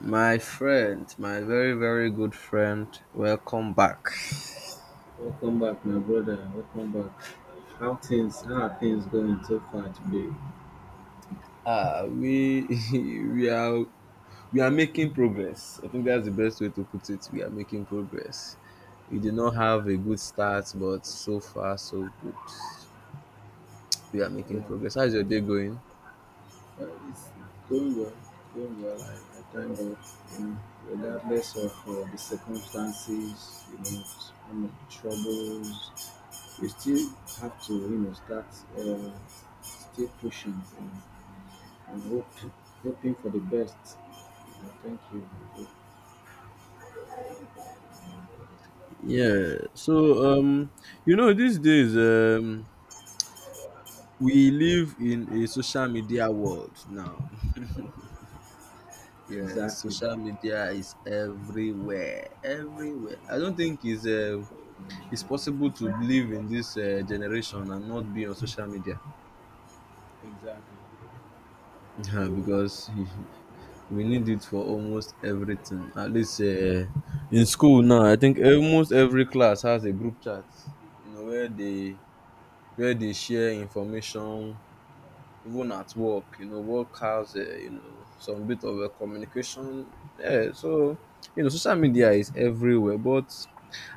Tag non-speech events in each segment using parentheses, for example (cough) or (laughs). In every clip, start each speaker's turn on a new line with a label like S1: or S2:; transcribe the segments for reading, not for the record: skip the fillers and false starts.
S1: My friend, my very very good friend, welcome back. We (laughs) we are we are making progress. I think that's the best way to put it. We are making progress. We did not have a good start, but so far so good. We are making progress. How's your day going? Yeah. So, these days, we live in a social media world now. Yeah, social media is everywhere, everywhere. I don't think it's possible to live in this generation and not be on social media. Yeah, because (laughs) we need it for almost everything. At least in school now, I think almost every class has a group chat. You know, where they share information. Even at work, you know, work has, some bit of a communication. Yeah, social media is everywhere. But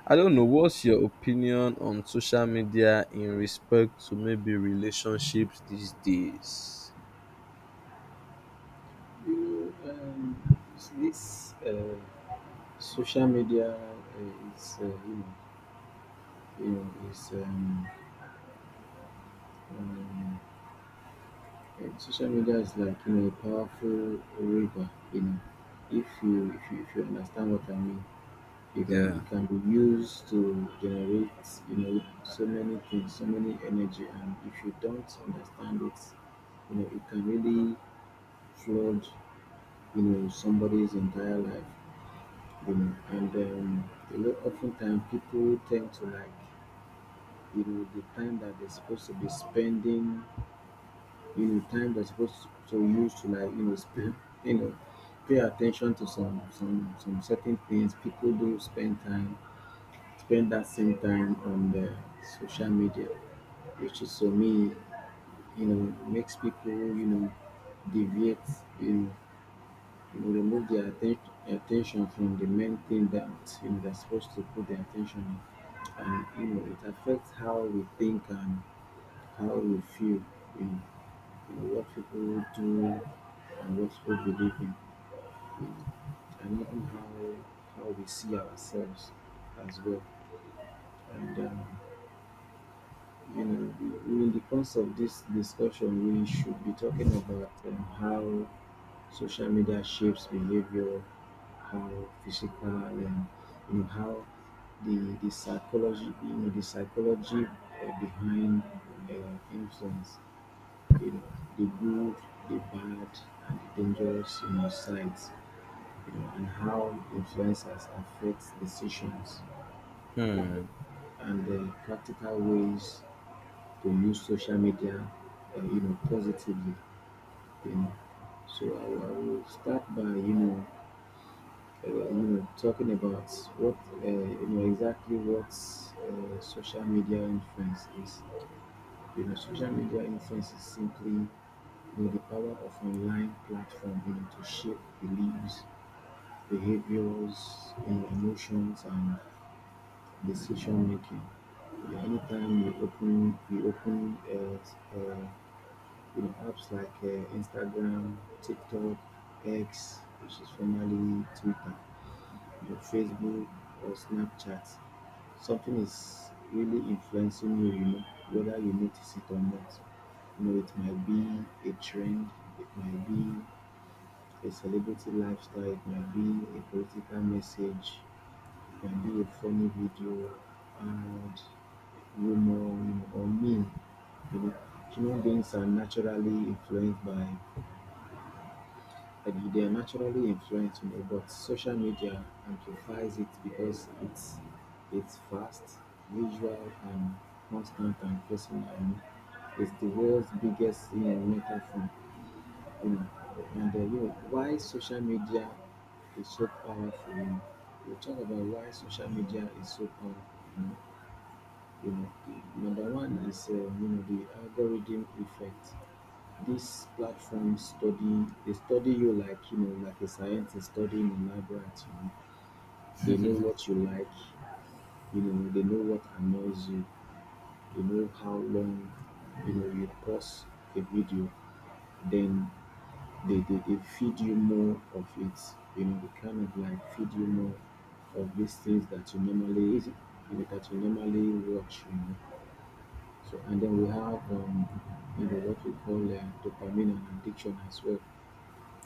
S1: I don't know, what's your opinion on social media in respect to maybe relationships these days? Yeah. Hmm.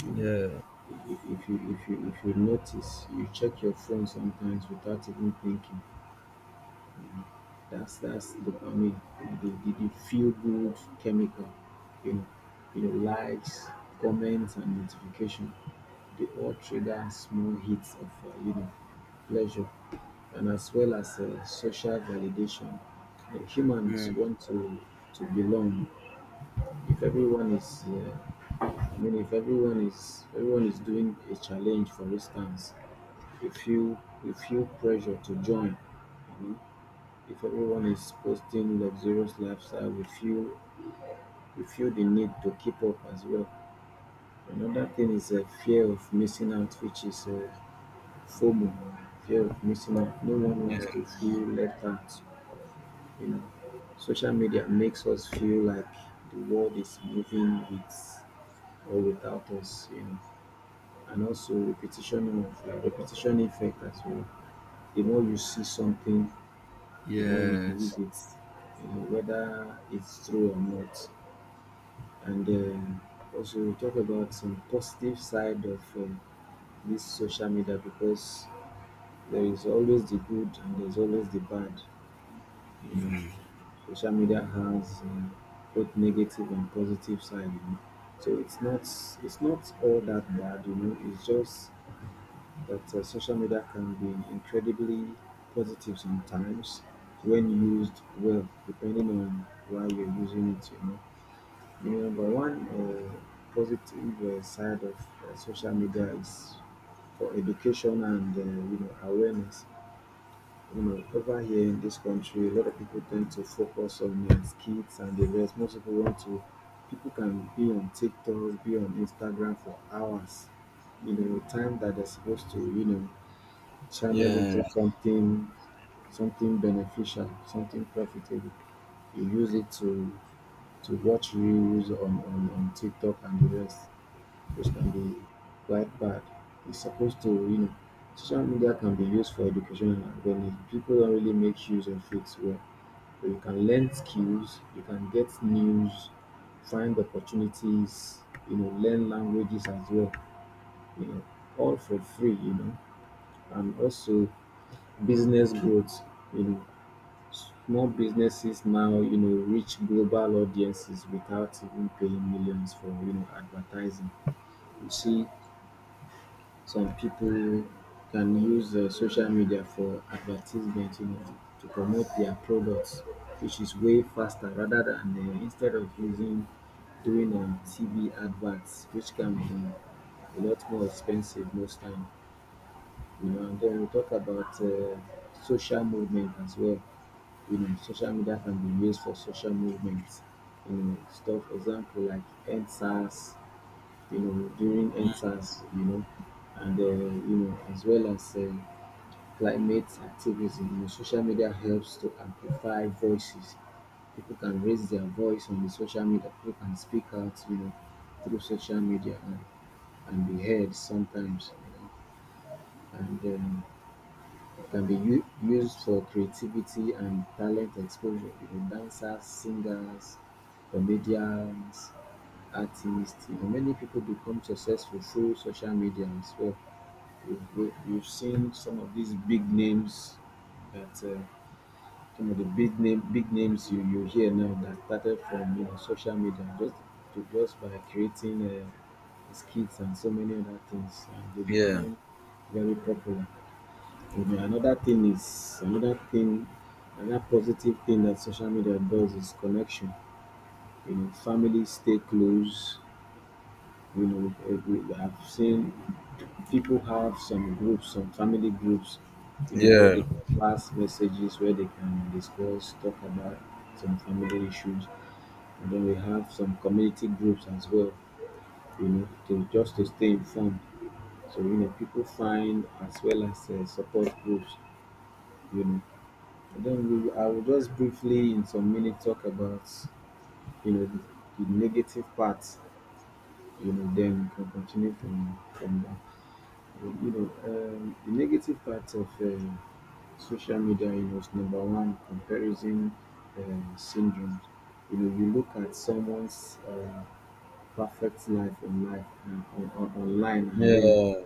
S1: Yeah. Hmm. Yeah. Yes. Mm. Yeah. Yeah. Yeah. Yeah.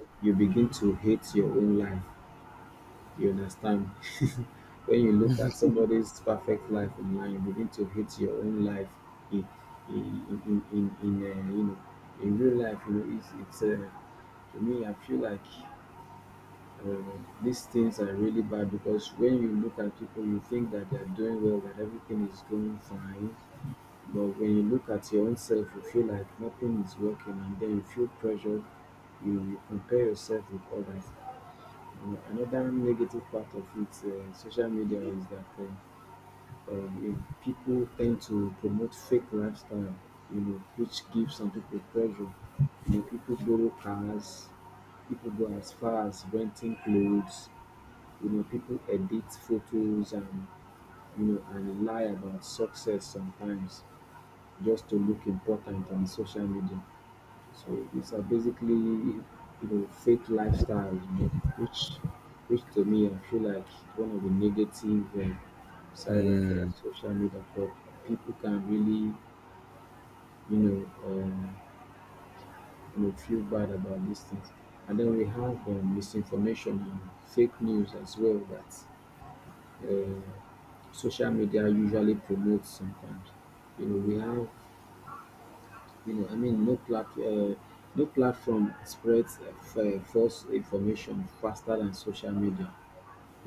S1: Hmm.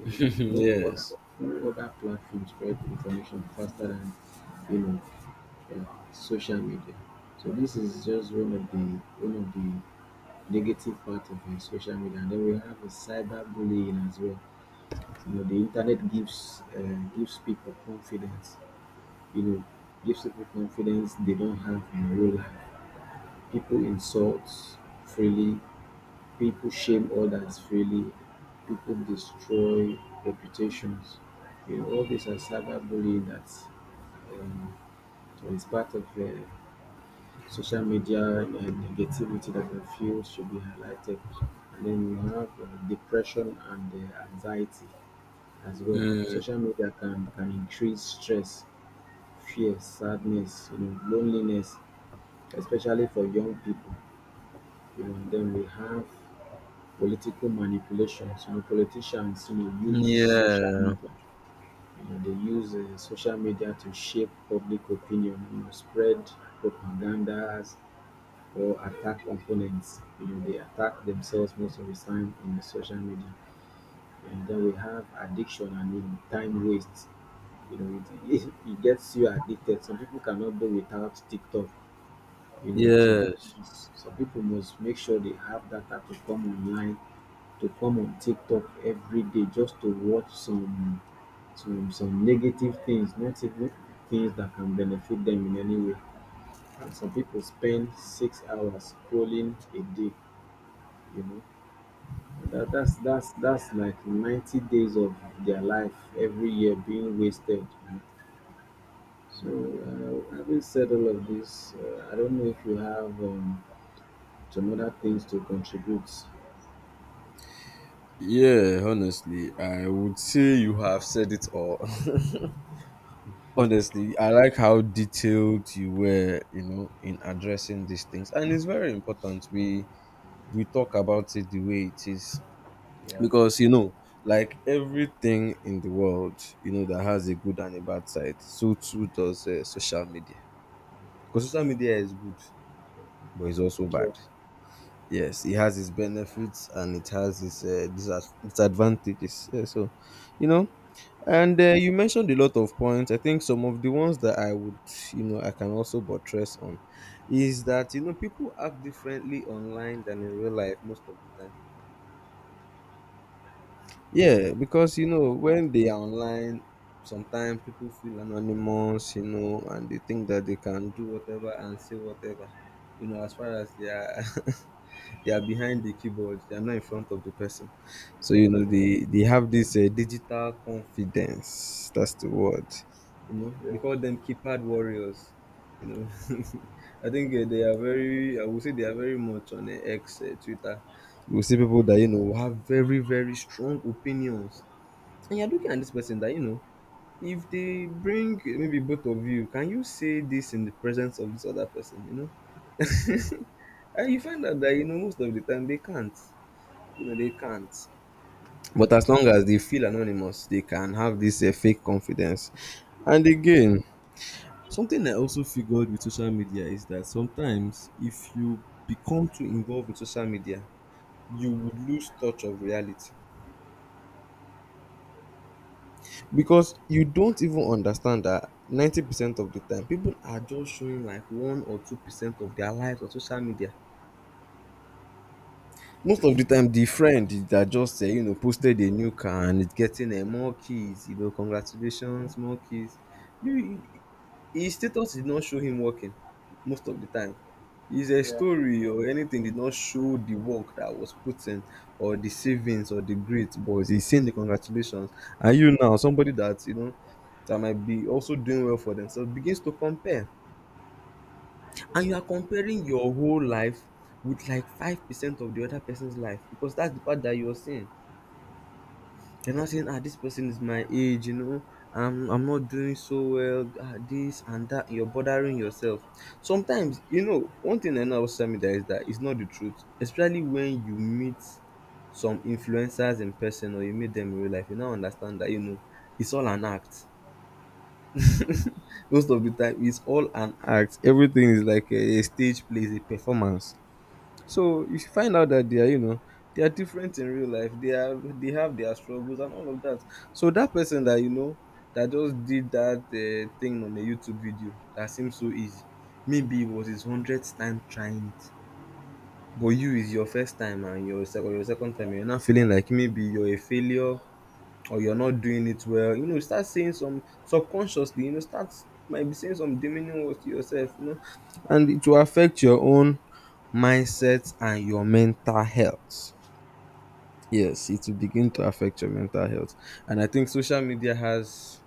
S1: (laughs) Yes. Hmm. Yeah. Yes. Yeah, honestly, I would say you have said it all. (laughs) Honestly, I like how detailed you were, you know, in addressing these things. And it's very important we talk about it the way it is. Because, you know, like everything in the world, you know, that has a good and a bad side, so too does social media. Because social media is good, but it's also bad. Yes, it has its benefits and it has its disadvantages. Yeah, so, you know, And uh, you mentioned a lot of points. I think some of the ones that I would, you know, I can also buttress on is that, you know, people act differently online than in real life most of the time. Yeah, because, you know, when they are online, sometimes people feel anonymous, you know, and they think that they can do whatever and say whatever, you know, as far as they are. (laughs) They are behind the keyboard, they are not in front of the person. So, you know, they have this digital confidence, that's the word. You know, they call them keypad warriors, you know. (laughs) I think they are very, I would say they are very much on X, Twitter. You will see people that, you know, have very very strong opinions, and you're looking at this person that, you know, if they bring maybe both of you, can you say this in the presence of this other person? You know, (laughs) and you find out that, you know, most of the time they can't. You know, they can't. But as long as they feel anonymous, they can have this fake confidence. And again, something I also figured with social media is that sometimes if you become too involved with social media, you would lose touch of reality. Because you don't even understand that 90% of the time people are just showing like 1 or 2% of their lives on social media. Most of the time the friend that just posted a new car and is getting more keys, you know, congratulations, more keys. You His status did not show him working most of the time. His story or anything did not show the work that was put in, or the savings or the grit, but he's saying the congratulations. And you now, somebody that, you know, that might be also doing well for themselves, begins to compare. And you are comparing your whole life with like 5% of the other person's life, because that's the part that you're seeing. They're not saying, ah, this person is my age, you know, I'm not doing so well, ah, this and that. You're bothering yourself. Sometimes, you know, one thing I know about social media is that it's not the truth, especially when you meet some influencers in person or you meet them in real life. You now understand that, you know, it's all an act. Most of the time, it's all an act. Everything is like a stage play, it's a performance. So you should find out that they are, you know, they are different in real life. They have their struggles and all of that. So that person that, you know, that just did that thing on a YouTube video that seems so easy, maybe it was his 100th time trying it. But you, is your first time and your second time, you're not feeling like maybe you're a failure or you're not doing it well, you know, start saying some subconsciously, you know, start might be saying some demeaning words to yourself, you know, and it will affect your own mindset and your mental health. Yes, it will begin to affect your mental health, and I think social media has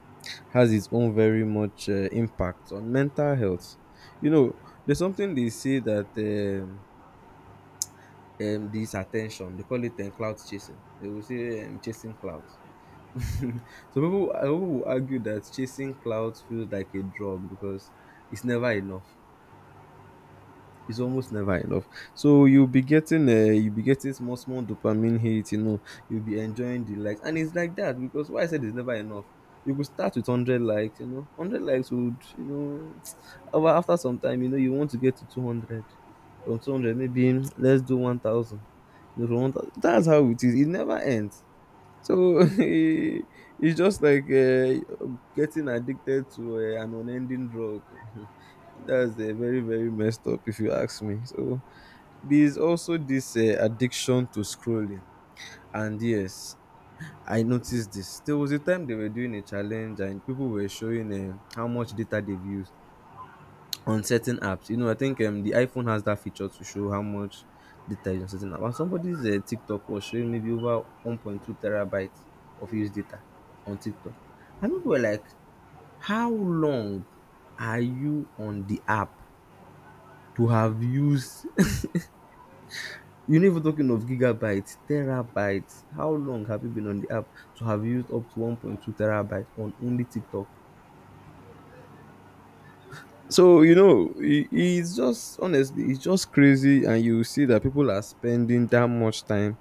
S1: has its own very much impact on mental health. You know, there's something they say that this attention they call it cloud chasing. They will say chasing clouds. (laughs) Some some people will argue that chasing clout feels like a drug because it's never enough. It's almost never enough. So you'll be getting small, small dopamine hit. You know, you'll be enjoying the likes, and it's like that because why I said it's never enough. You could start with hundred likes. You know, hundred likes would, you know, (tsk) over after some time, you know, you want to get to 200. From 200, maybe (tsk) let's do 1,000. You know, from 1,000, that's how it is. It never ends. So (laughs) it's just like getting addicted to an unending drug. (laughs) That's very, very messed up, if you ask me. So there's also this addiction to scrolling. And yes, I noticed this. There was a time they were doing a challenge and people were showing how much data they've used on certain apps. You know, I think the iPhone has that feature to show how much data is on certain apps. And somebody's TikTok was showing maybe over 1.2 terabytes of used data on TikTok. And people were like, how long are you on the app to have used? (laughs) You know, even talking of gigabytes, terabytes, how long have you been on the app to have used up to 1.2 terabytes on only TikTok? So you know, it's just honestly, it's just crazy, and you see that people are spending that much time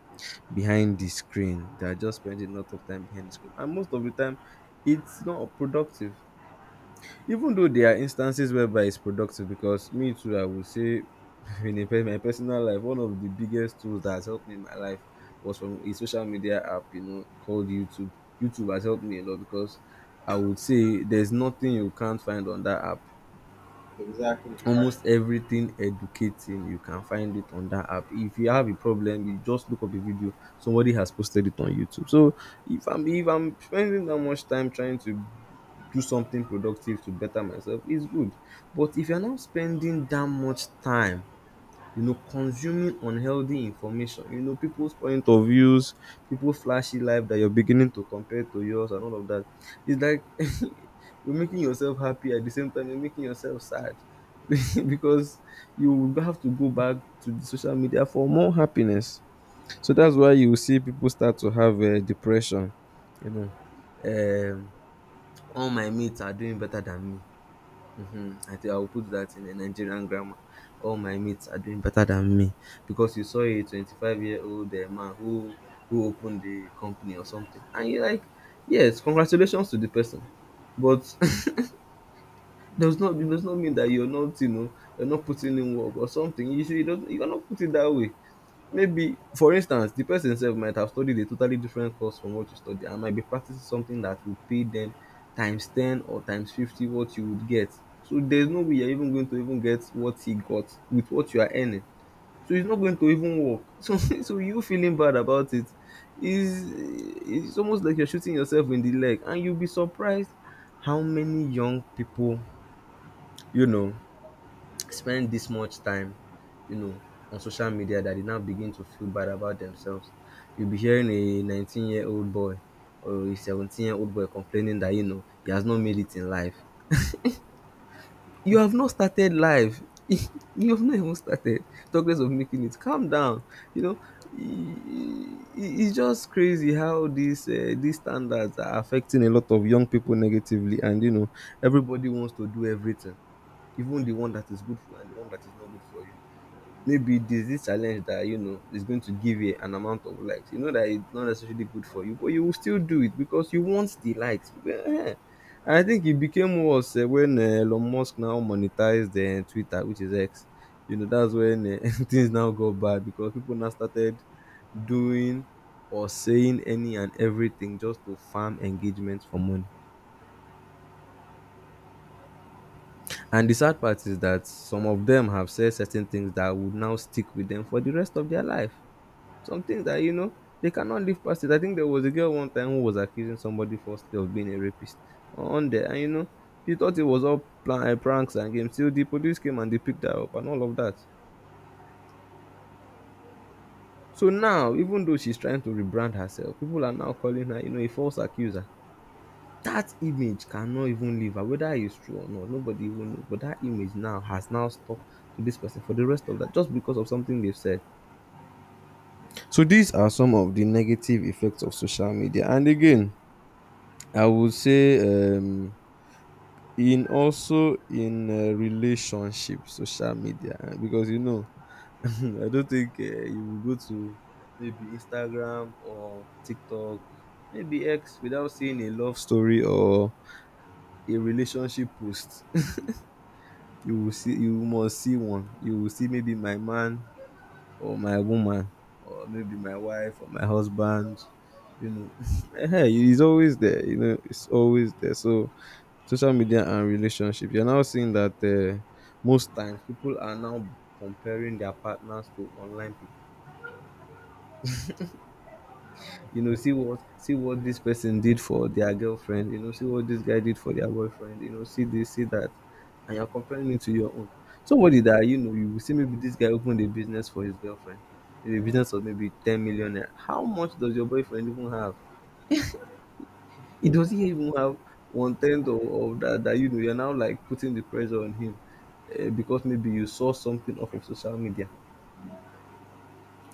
S1: behind the screen. They are just spending a lot of time behind the screen, and most of the time, it's not productive. Even though there are instances whereby it's productive, because me too, I would say, (laughs) in my personal life, one of the biggest tools that has helped me in my life was from a social media app, you know, called YouTube. YouTube has helped me a lot because I would say there's nothing you can't find on that app. Almost everything educating you can find it on that app. If you have a problem, you just look up a video, somebody has posted it on YouTube. So if I'm spending that much time trying to do something productive to better myself, it's good. But if you're not spending that much time, you know, consuming unhealthy information, you know, people's point of views, people's flashy life that you're beginning to compare to yours and all of that. It's like (laughs) you're making yourself happy at the same time you're making yourself sad (laughs) because you will have to go back to the social media for more happiness. So that's why you see people start to have depression, you know. Um, all my mates are doing better than me. Mm-hmm. I think I'll put that in a Nigerian grammar. All my mates are doing better than me because you saw a 25-year-old man who opened the company or something, and you're like, yes, congratulations to the person, but (laughs) does not, it does not mean that you're not, you know, you're not putting in work or something. You should, you don't, you're not put it that way. Maybe, for instance, the person sef might have studied a totally different course from what you study and might be practicing something that would pay them times ten or times 50 what you would get. So there's no way you're even going to even get what he got with what you are earning. So it's not going to even work. (laughs) So you feeling bad about it's almost like you're shooting yourself in the leg, and you'll be surprised how many young people, you know, spend this much time, you know, on social media that they now begin to feel bad about themselves. You'll be hearing a 19-year-old boy or a 17-year-old boy complaining that, he has not made it in life. You have not started life. (laughs) You have not even started. Talk less of making it. Calm down. You know, i- it's just crazy how these standards are affecting a lot of young people negatively, and everybody wants to do everything, even the one that is good for you and the one that is not good for you. Maybe there's this challenge that is going to give you an amount of likes. You know that it's not necessarily good for you, but you will still do it because you want the likes. Eh. And I think it became worse when Elon Musk now monetized Twitter, which is X. You know, that's when (laughs) things now go bad, because people now started doing or saying any and everything just to farm engagement for money. And the sad part is that some of them have said certain things that would now stick with them for the rest of their life. Some things that they cannot live past it. I think there was a girl one time who was accusing somebody falsely of being a rapist on there, and she thought it was all pranks and games, till the police came and they picked her up and all of that. So now, even though she's trying to rebrand herself, people are now calling her, a false accuser. That image cannot even leave her, whether it's true or not. Nobody even knows. But that image now has now stuck to this person for the rest of that, just because of something they've said. So these are some of the negative effects of social media. And again, I would say in also in relationship, social media because (laughs) I don't think you will go to maybe Instagram or TikTok, maybe X, without seeing a love story or a relationship post. (laughs) You will see, you must see one. You will see maybe my man or my woman, or maybe my wife or my husband, you know (laughs) ehen, it's always there, it's always there. So social media and relationship, you're now seeing that most times people are now comparing their partners to online people. You know, see what this person did for their girlfriend. You know, see what this guy did for their boyfriend. You know, see this, see that. And you're comparing it to your own, somebody that you know. You will see maybe this guy opened a business for his girlfriend, a business of maybe 10 million naira. How much does your boyfriend even have? He does not even have one tenth of that, that you're now like putting the pressure on him, because maybe you saw something off of social media.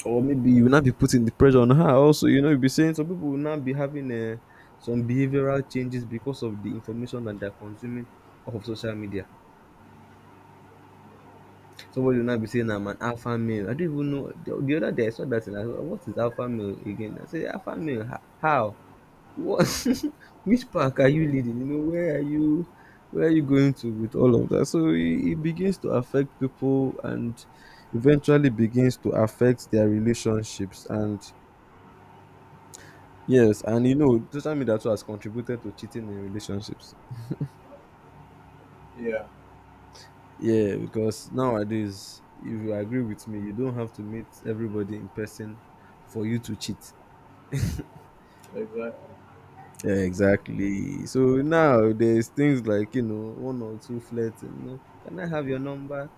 S1: Or maybe you will not be putting the pressure on her also. You know, you'll be saying, some people will not be having some behavioral changes because of the information that they're consuming off of social media. Somebody will not be saying I'm an alpha male. I don't even know. The other day I saw that and I thought, what is alpha male again? I said, alpha male, how? What? (laughs) Which park are you leading? You know, where are you? Where are you going to with all of that? So it begins to affect people and eventually begins to affect their relationships. And yes, and you know, social media too has contributed to cheating in relationships. Yeah, because nowadays, if you agree with me, you don't have to meet everybody in person for you to cheat.
S2: Exactly.
S1: Yeah, exactly. So now there's things like, you know, one or two flirts, and, you know, can I have your number?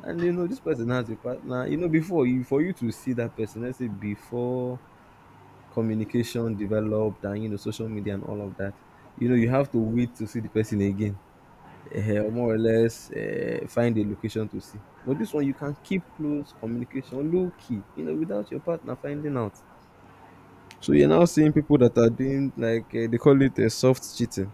S1: And you know, this person has a partner. You know, before you for you to see that person, let's say before communication developed, and you know, social media and all of that, you know, you have to wait to see the person again. More or less, find a location to see. But this one, you can keep close communication, low key, you know, without your partner finding out. So you're now seeing people that are doing, like, they call it a soft cheating,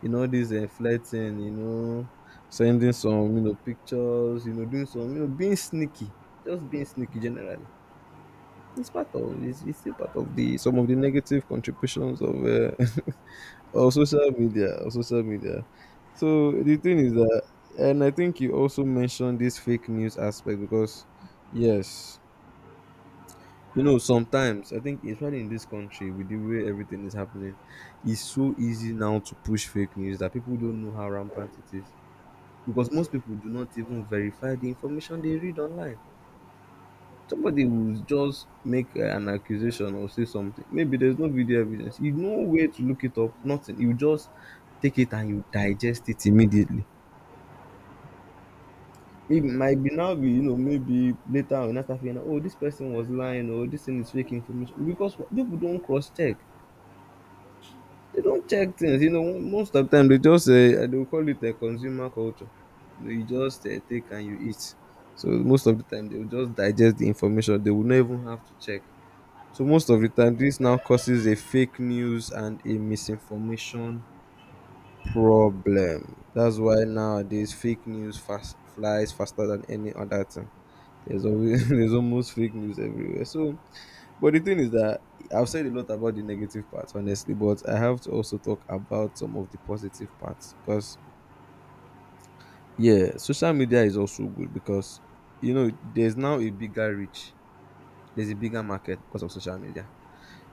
S1: you know, this flirting, you know, sending some, you know, pictures, you know, doing some, you know, being sneaky, just being sneaky generally. It's part of it's still part of the some of the negative contributions of (laughs) or social media. So the thing is that, and I think you also mentioned this fake news aspect. Because yes, you know, sometimes I think, especially in this country, with the way everything is happening, it's so easy now to push fake news that people don't know how rampant it is, because most people do not even verify the information they read online. Somebody will just make an accusation or say something. Maybe there's no video evidence, you know where to look it up. Nothing. You just take it and you digest it immediately. It might be now be, you know, maybe later on, after feeling, oh, this person was lying or this thing is fake information. Because people don't cross check. They don't check things. You know, most of the time they just they will call it a consumer culture. You know, you just take and you eat. So most of the time they will just digest the information. They will not even have to check. So most of the time, this now causes a fake news and a misinformation problem. That's why nowadays fake news fast flies faster than any other thing. There's always, (laughs) there's almost fake news everywhere. So, but the thing is that, I've said a lot about the negative parts, honestly, but I have to also talk about some of the positive parts. Because yeah, social media is also good, because you know, there's now a bigger reach, there's a bigger market because of social media.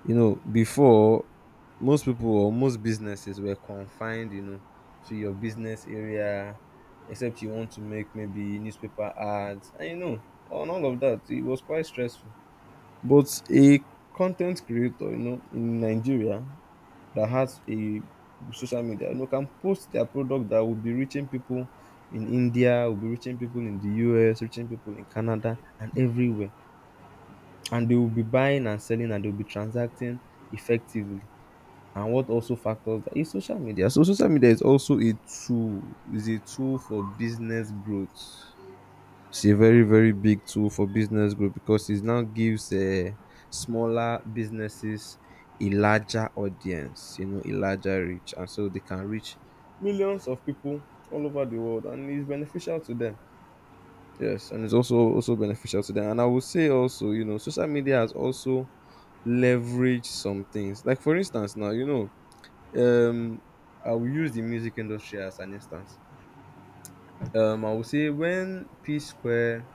S1: You know, before, most people or most businesses were confined, you know, to your business area, except you want to make maybe newspaper ads, and you know, on all of that, it was quite stressful. But a content creator, you know, in Nigeria that has a social media, you know, can post their product that will be reaching people in India, will be reaching people in the US, reaching people in Canada, and everywhere. And they will be buying and selling, and they'll be transacting effectively. And what also factors that is social media. So social media is also a tool, is a tool for business growth. It's a very very big tool for business growth, because it now gives smaller businesses a larger audience, you know, a larger reach, and so they can reach millions of people all over the world, and it's beneficial to them. Yes, and it's also also beneficial to them. And I would say also, you know, social media has also leveraged some things. Like for instance, now, you know, um I will use the music industry as an instance. I will say when P Square,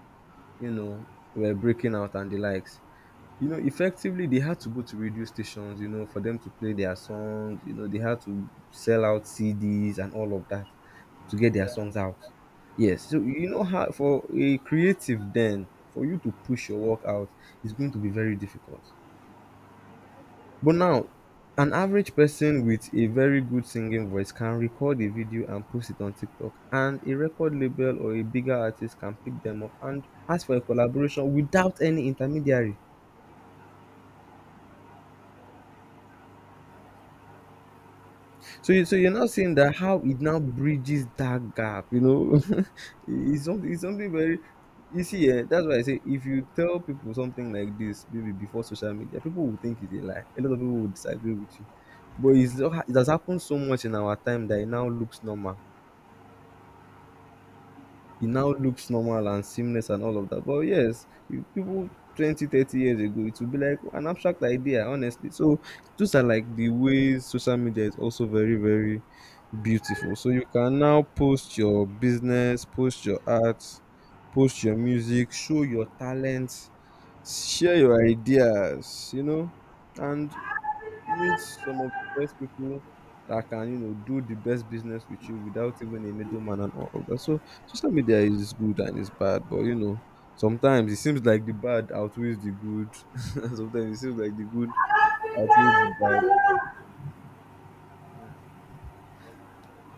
S1: you know, were breaking out and the likes, you know, effectively they had to go to radio stations, you know, for them to play their songs. You know, they had to sell out CDs and all of that to get their songs out. Yes, so you know how for a creative then, for you to push your work out is going to be very difficult. But now, an average person with a very good singing voice can record a video and post it on TikTok, and a record label or a bigger artist can pick them up and ask for a collaboration without any intermediary. So you so you're now seeing that how it now bridges that gap, you know. (laughs) It's something very, you see, that's why I say, if you tell people something like this maybe before social media, people will think it's a lie. A lot of people will disagree with you. But it's, it has happened so much in our time that it now looks normal. It now looks normal and seamless and all of that. But yes, if people 20, 30 years ago, it would be like an abstract idea, honestly. So those are like the ways social media is also very, very beautiful. So you can now post your business, post your art, post your music, show your talent, share your ideas, you know. And meet some of the best people that can, you know, do the best business with you without even a middleman and all of that. So social media is good and it's bad, but you know, sometimes it seems like the bad outweighs the good (laughs) and sometimes it seems like the good outweighs the bad.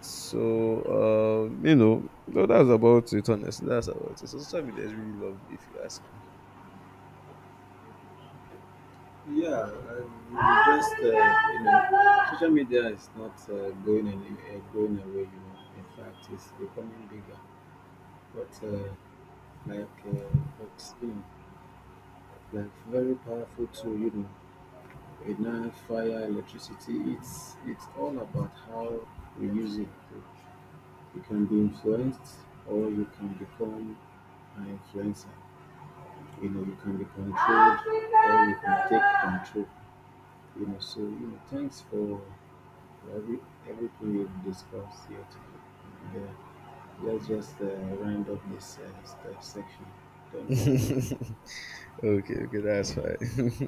S1: So you know, so that's about it, honestly. That's about it. So social media is really lovely, if you ask me. Okay, okay, that's fine. (laughs)